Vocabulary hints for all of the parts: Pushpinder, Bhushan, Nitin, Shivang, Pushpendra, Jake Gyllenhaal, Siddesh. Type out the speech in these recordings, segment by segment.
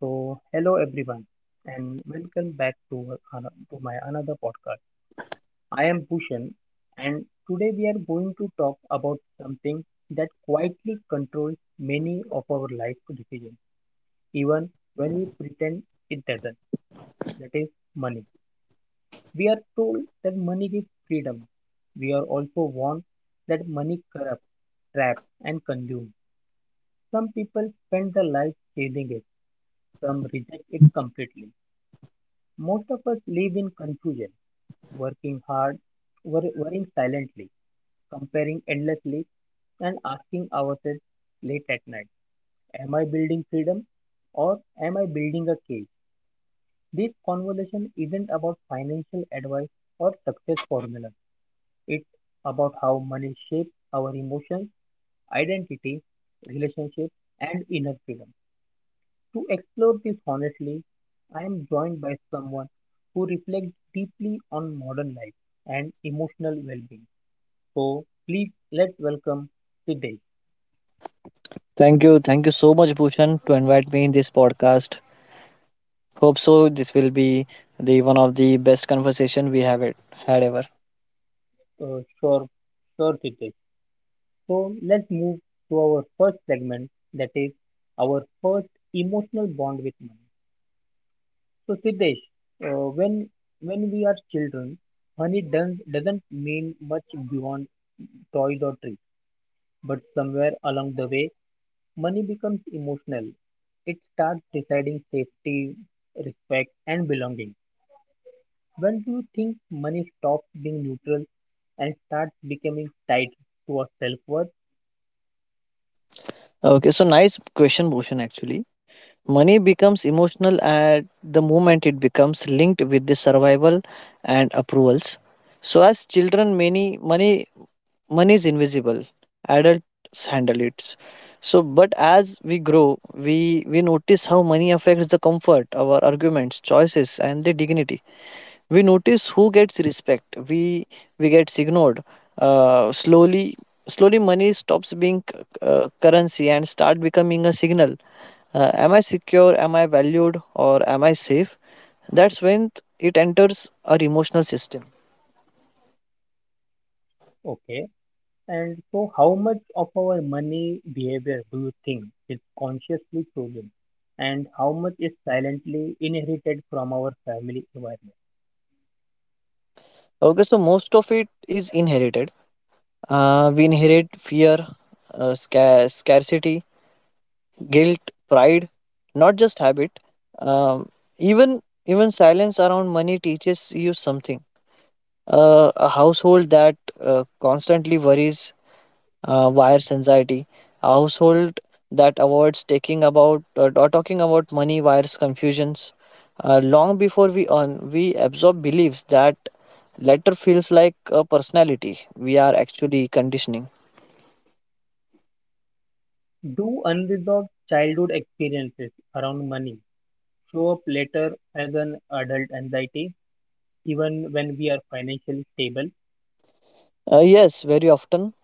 So, hello everyone, and welcome back to my another podcast. I am Bhushan, and today we are going to talk about something that quietly controls many of our life decisions, even when we pretend it doesn't. That is money. We are told that money gives freedom. We are also warned that money corrupts, traps, and consumes. Some people spend their life chasing it. Some reject it completely. Most of us live in confusion, working hard, worrying silently, comparing endlessly, and asking ourselves late at night, am I building freedom or am I building a cage? This conversation isn't about financial advice or success formulas. It's about how money shapes our emotions, identity, relationships, and inner freedom. To explore this honestly, I am joined by someone who reflects deeply on modern life and emotional well being. So, please let's welcome Siddesh. Thank you. Thank you so much, Bhushan, to invite me in this podcast. Hope so this will be the one of the best conversation we have it had ever. Sure, sure, Siddesh. So, let's move to our first segment, that is our first emotional bond with money. So, Siddesh, when when we are children, doesn't mean much beyond toys or treats, but somewhere along the way, money becomes emotional. It starts deciding safety, respect, and belonging. When do you think money stops being neutral and starts becoming tied to our self worth? Okay, so nice question, Bhushan actually. Money becomes emotional at the moment it becomes linked with the survival and approvals. So as children many money money is invisible. Adults handle it. So but as we grow, we notice how money affects the comfort, our arguments, choices and the dignity. We notice who gets respect, we gets ignored. uh, slowly slowly money stops being currency and start becoming a signal. Am I secure, am I valued, or am I safe? That's when it enters our emotional system. Okay. And so, how much of our money behavior do you think is consciously chosen, and how much is silently inherited from our family environment? Okay, so most of it is inherited. We inherit fear, scarcity, guilt, pride, not just habit. um, Even silence around money teaches you something. A household that constantly worries wires anxiety. A household that avoids taking about or talking about money wires confusions. Long before we earn, we absorb beliefs that later feels like a personality we are actually conditioning. Do unresolved childhood experiences around money show up later as an adult anxiety, even when we are financially stable? Yes, very often.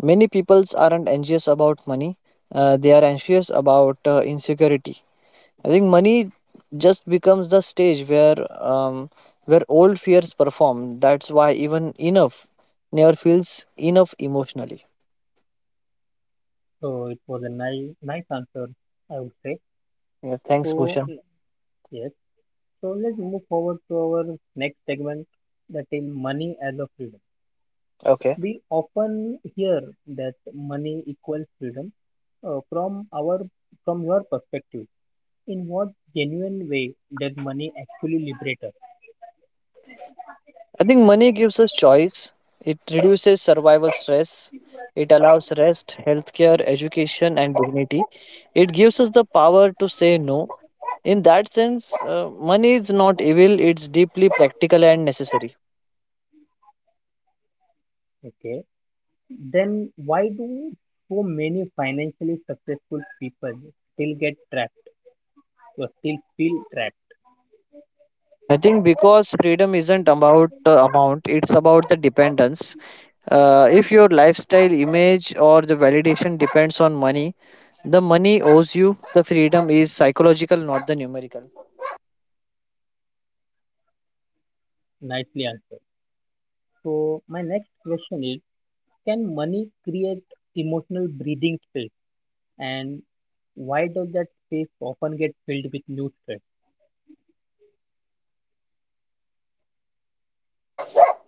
Many peoples aren't anxious about money. They are anxious about insecurity. I think money just becomes the stage where, um, where old fears perform. That's why even enough never feels enough emotionally. So it was a nice answer, I would say. Yeah, thanks, So Bhushan. l- yes, so let's move forward to our next segment, that is money as a freedom. Okay. We often hear that money equals freedom. Uh, from our from your perspective, in what genuine way does money actually liberate us? I think money gives us choice. It reduces survival stress. It allows rest, healthcare, education, and dignity. It gives us the power to say no. In that sense, money is not evil, it's deeply practical and necessary. Okay, then why do so many financially successful people still get trapped, or still feel trapped? I think because freedom isn't about the amount, it's about the dependence. If your lifestyle image or the validation depends on money, the money owes you. The freedom is psychological, not the numerical. Nicely answered. So my next question is, can money create emotional breathing space, and why does that space often get filled with new stress?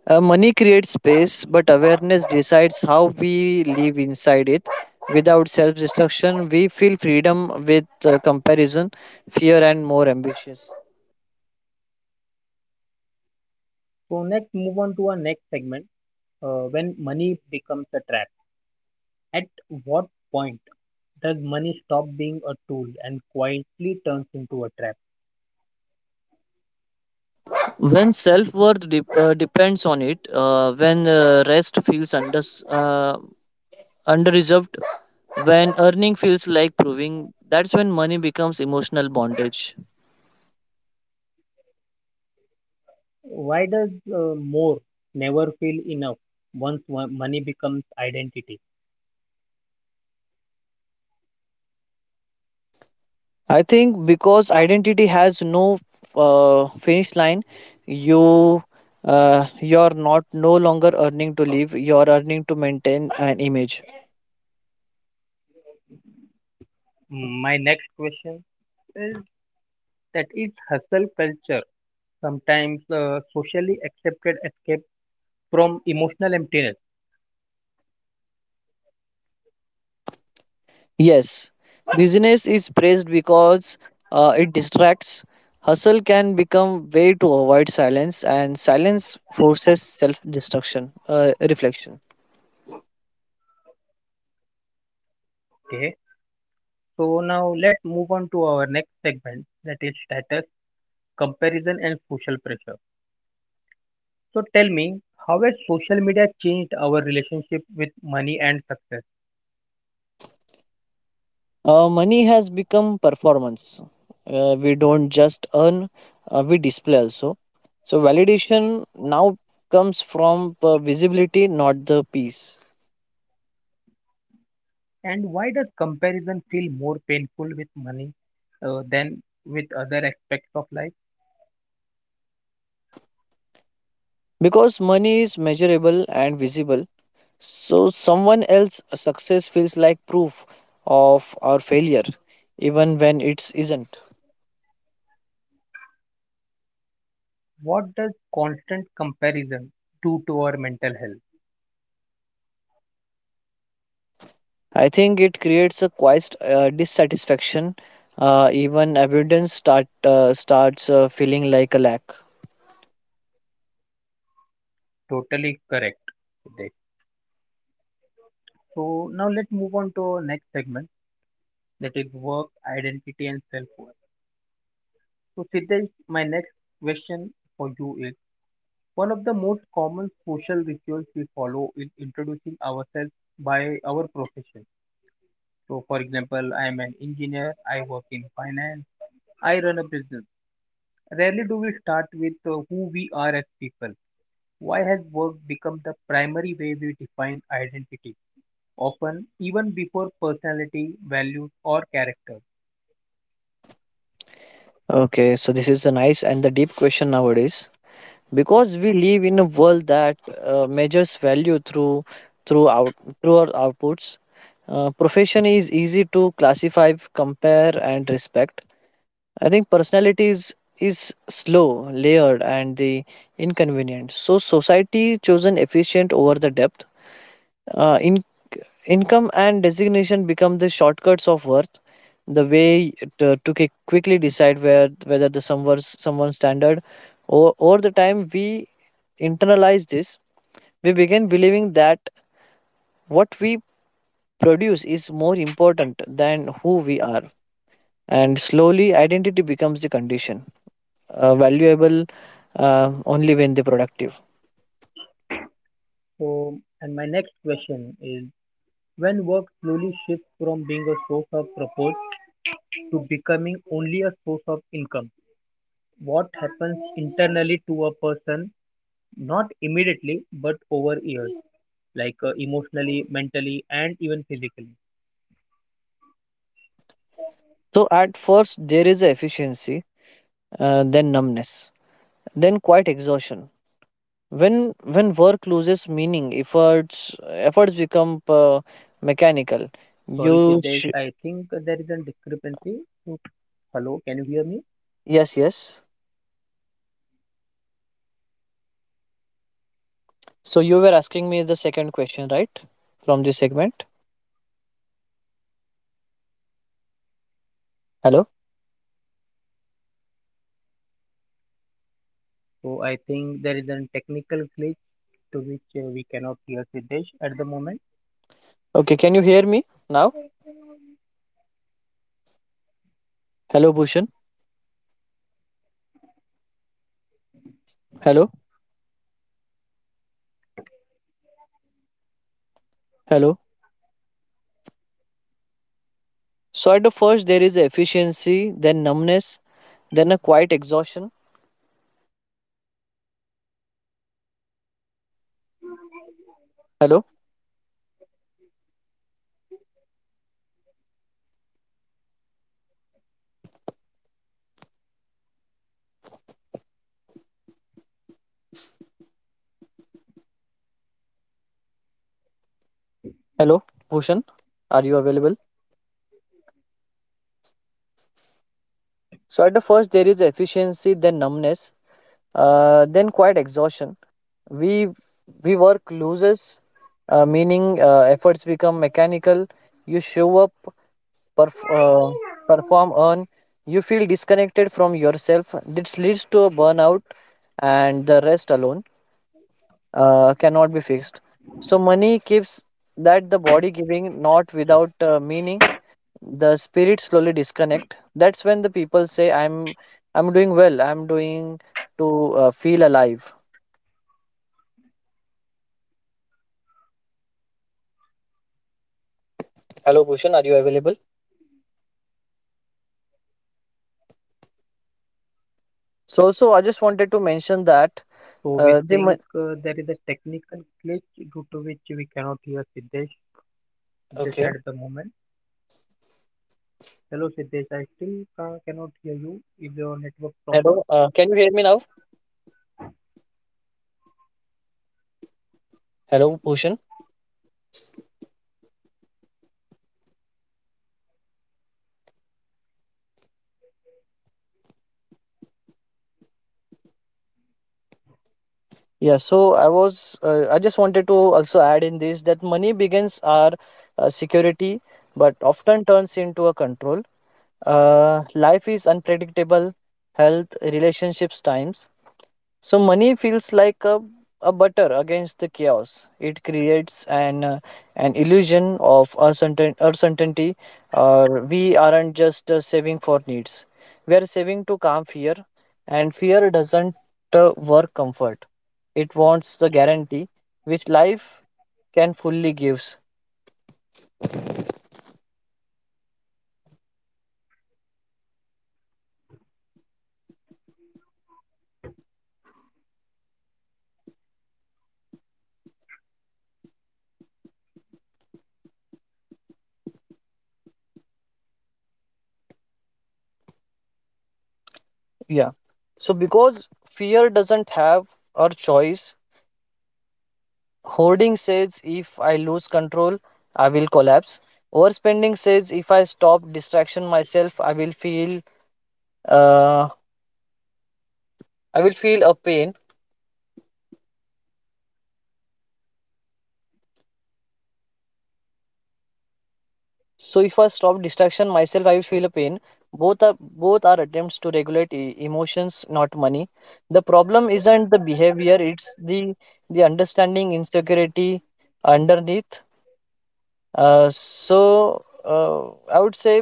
Money creates space, but awareness decides how we live inside it. Without self destruction, we feel freedom with comparison, fear, and more ambitious. So next, move on to our next segment, when money becomes a trap. At what point does money stop being a tool and quietly turns into a trap? When self worth depends on it, when rest feels under, uh, under reserved, when earning feels like proving, that's when money becomes emotional bondage. Why does more never feel enough once money becomes identity? I think because identity has no finish line. You uh, you're not no longer earning to live. You're earning to maintain an image. Mm, my next question is, that is hustle culture sometimes socially accepted escape from emotional emptiness. Yes, business is praised because it distracts. Hustle can become way to avoid silence, and silence forces reflection. Okay, so now let's move on to our next segment, that is status, comparison, and social pressure. So tell me, how has social media changed our relationship with money and success, Money has become performance. We don't just earn, we display also. So validation now comes from visibility, not the piece. and why does comparison feel more painful with money than with other aspects of life? Because money is measurable and visible, so someone else's success feels like proof of our failure, even when it isn't. What does constant comparison do to our mental health? I think it creates a quiet dissatisfaction. Even abundance starts feeling like a lack. Totally correct, Siddesh. So now let's move on to our next segment, that is work, identity, and self worth. So, Siddesh, my next question for you is, one of the most common social rituals we follow is introducing ourselves by our profession. So, for example, I am an engineer, I work in finance, I run a business. Rarely do we start with who we are as people. Why has work become the primary way we define identity, often even before personality, values, or character? Okay, so this is a nice and the deep question nowadays because we live in a world that measures value through out through our outputs. Profession is easy to classify, compare, and respect. I think personality is slow, layered, and the inconvenient. So society chosen efficient over the depth. In, income and designation become the shortcuts of worth. The way to quickly decide where whether the someone's standard, or over the time we internalize this, we begin believing that what we produce is more important than who we are, and slowly identity becomes the condition, valuable only when they're productive. So, and my next question is, when work slowly shifts from being a source of purpose to becoming only a source of income, what happens internally to a person, not immediately but over years, like emotionally, mentally, and even physically? So at first there is a efficiency, then numbness, then quite exhaustion when work loses meaning, efforts become mechanical. Sorry, you Siddesh, sh- I think there is a discrepancy. So, hello, can you hear me? yes, yes, so you were asking me the second question right from this segment. Hello. So, I think there is a technical glitch to which we cannot hear Siddesh at the moment. Okay, can you hear me now? Hello, Bhushan. Hello. Hello. So at the first there is efficiency, then numbness, then a quiet exhaustion. Hello. Hello. Bhushan, are you available? So at the first there is efficiency, then numbness, then quiet exhaustion. We we work loses meaning, efforts become mechanical. You show up, perf- uh, perform, earn. You feel disconnected from yourself. This leads to a burnout, and the rest alone cannot be fixed. So money keeps that the body giving, not without meaning. The spirit slowly disconnect. That's when the people say, I'm doing well. I'm doing to feel alive." Hello, Bhushan. Are you available? So also, I just wanted to mention that So, we uh, the mon- think there is a technical glitch due to which we cannot hear Siddesh okay. at the moment. Hello Siddesh, I still cannot hear you. Is your network Hello, proper? Can you hear me now? Hello, Bhushan. Yeah, so I was, I just wanted to also add in this that money begins our security, but often turns into a control. Life is unpredictable, health, relationships, times. So money feels like a butter against the chaos. It creates an illusion of uncertainty. Uh, we aren't just saving for needs. We are saving to calm fear, and fear doesn't work comfort. It wants the guarantee which life can fully gives. Yeah. So because fear doesn't have our choice, hoarding says if I lose control, I will collapse. Overspending says if I stop distraction myself, uh, I will feel a pain. So if I stop distraction myself, I will feel a pain. Both are attempts to regulate emotions, not money. The problem isn't the behavior; it's the understanding insecurity underneath. So I would say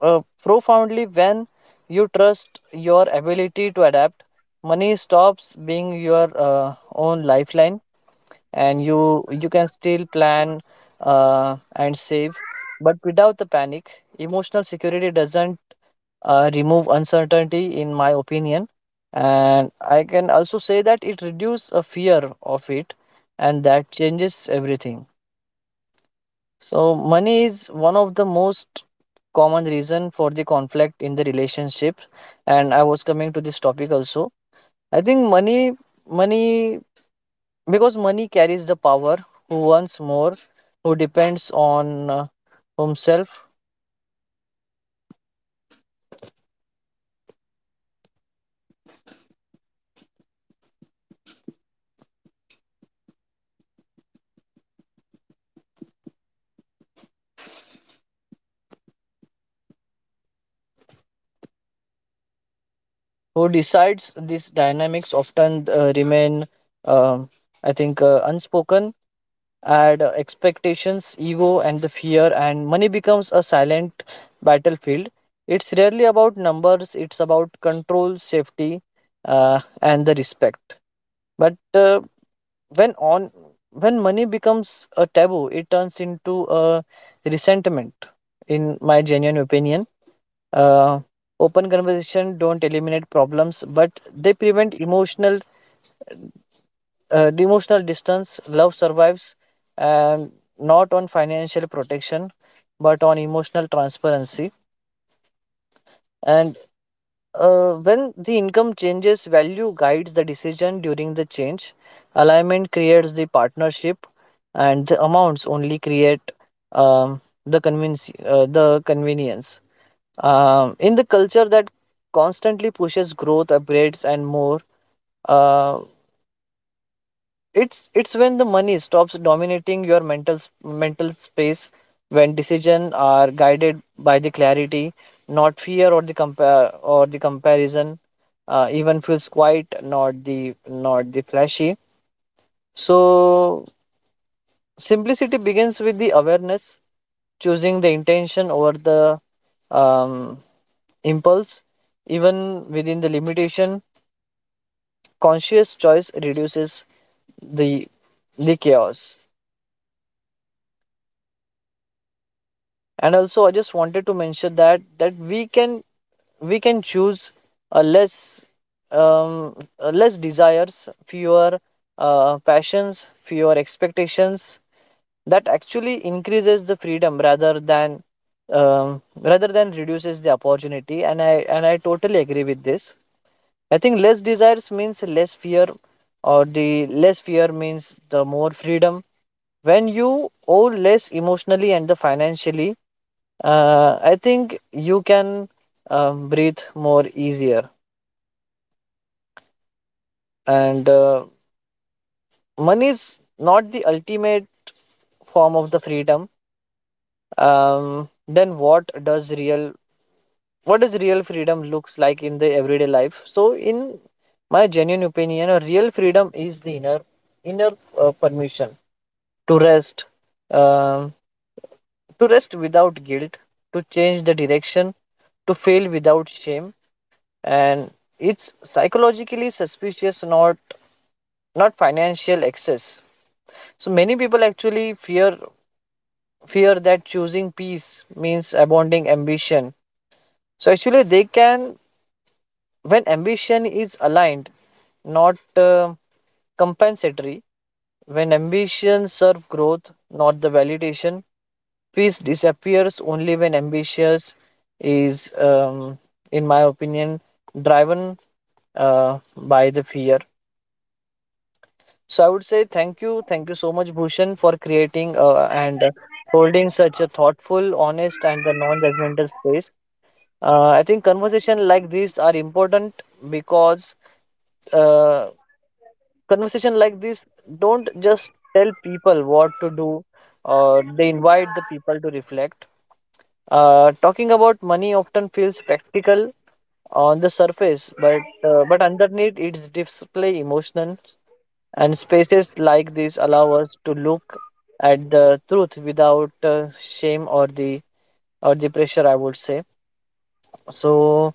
profoundly, when you trust your ability to adapt, money stops being your own lifeline, and you can still plan and save, but without the panic. Emotional security doesn't remove uncertainty, in my opinion, and I can also say that it reduces a fear of it, and that changes everything. So money is one of the most common reason for the conflict in the relationship, and I was coming to this topic also. I think money because money carries the power. Who wants more, who depends on himself, who decides these dynamics often remain, um I think unspoken. Add expectations, ego, and the fear, and money becomes a silent battlefield. It's rarely about numbers, it's about control, safety, and the respect. But when on when money becomes a taboo, it turns into a resentment. In my genuine opinion, uh, open conversation don't eliminate problems, but they prevent emotional emotional distance. Love survives, and not on financial protection but on emotional transparency, and when the income changes, value guides the decision. During the change, alignment creates the partnership, and the amounts only create um, the convenience, the convenience. In the culture that constantly pushes growth, upgrades, and more, uh, it's when the money stops dominating your mental space, when decisions are guided by the clarity, not fear or the comparison. Even feels quiet, not the flashy. So simplicity begins with the awareness, choosing the intention over the um, impulse. Even within the limitation, conscious choice reduces the the chaos. And also I just wanted to mention that we can, choose a less, um, a less desires, fewer passions, fewer expectations, that actually increases the freedom um, rather than reduces the opportunity. And I totally agree with this. I think less desires means less fear, or the less fear means the more freedom. When you owe less emotionally and the financially, I think you can breathe more easier. And money is not the ultimate form of the freedom. Then what does real freedom looks like in the everyday life? So in my genuine opinion, a real freedom is the inner permission to rest, um to rest without guilt, to change the direction, to fail without shame, and it's psychologically suspicious, not financial excess. So many people actually fear that choosing peace means abounding ambition. So actually they can, when ambition is aligned, not compensatory, when ambition serves growth, not the validation, peace disappears only when ambitious is, in my opinion, driven by the fear. So I would say thank you so much, Bhushan, for creating and holding such a thoughtful, honest, and a non-judgmental space. I think conversation like these are important because, uh, conversation like this don't just tell people what to do, or they invite the people to reflect. Talking about money often feels practical on the surface, but underneath it's deeply emotional. And spaces like this allow us to look at the truth without shame or the pressure, I would say. So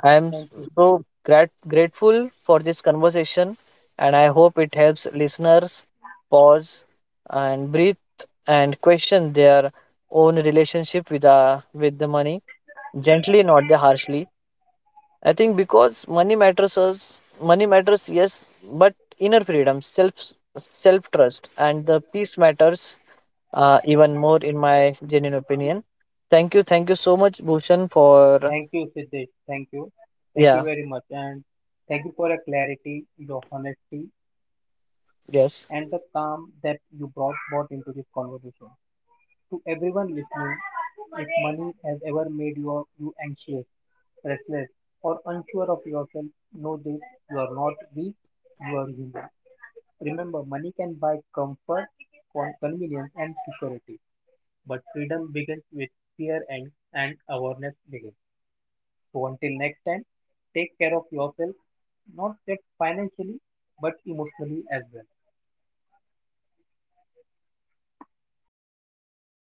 I am Thank you. so grateful for this conversation, and I hope it helps listeners pause and breathe and question their own relationship with the money gently, not the harshly. I think because money matters us, money matters, yes, but inner freedom, self trust, and the peace matters even more in my genuine opinion. Thank you so much, Bhushan, for Thank you, Siddesh. Thank you. Thank you yeah, very much. And thank you for your clarity, your honesty, yes. and the calm that you brought into this conversation. To everyone listening, if money has ever made you anxious, restless, or unsure of yourself, know this, you are not weak, you are human. Remember, money can buy comfort, convenience, and security. But freedom begins with fear and awareness begins. So until next time, take care of yourself, not just financially, but emotionally as well.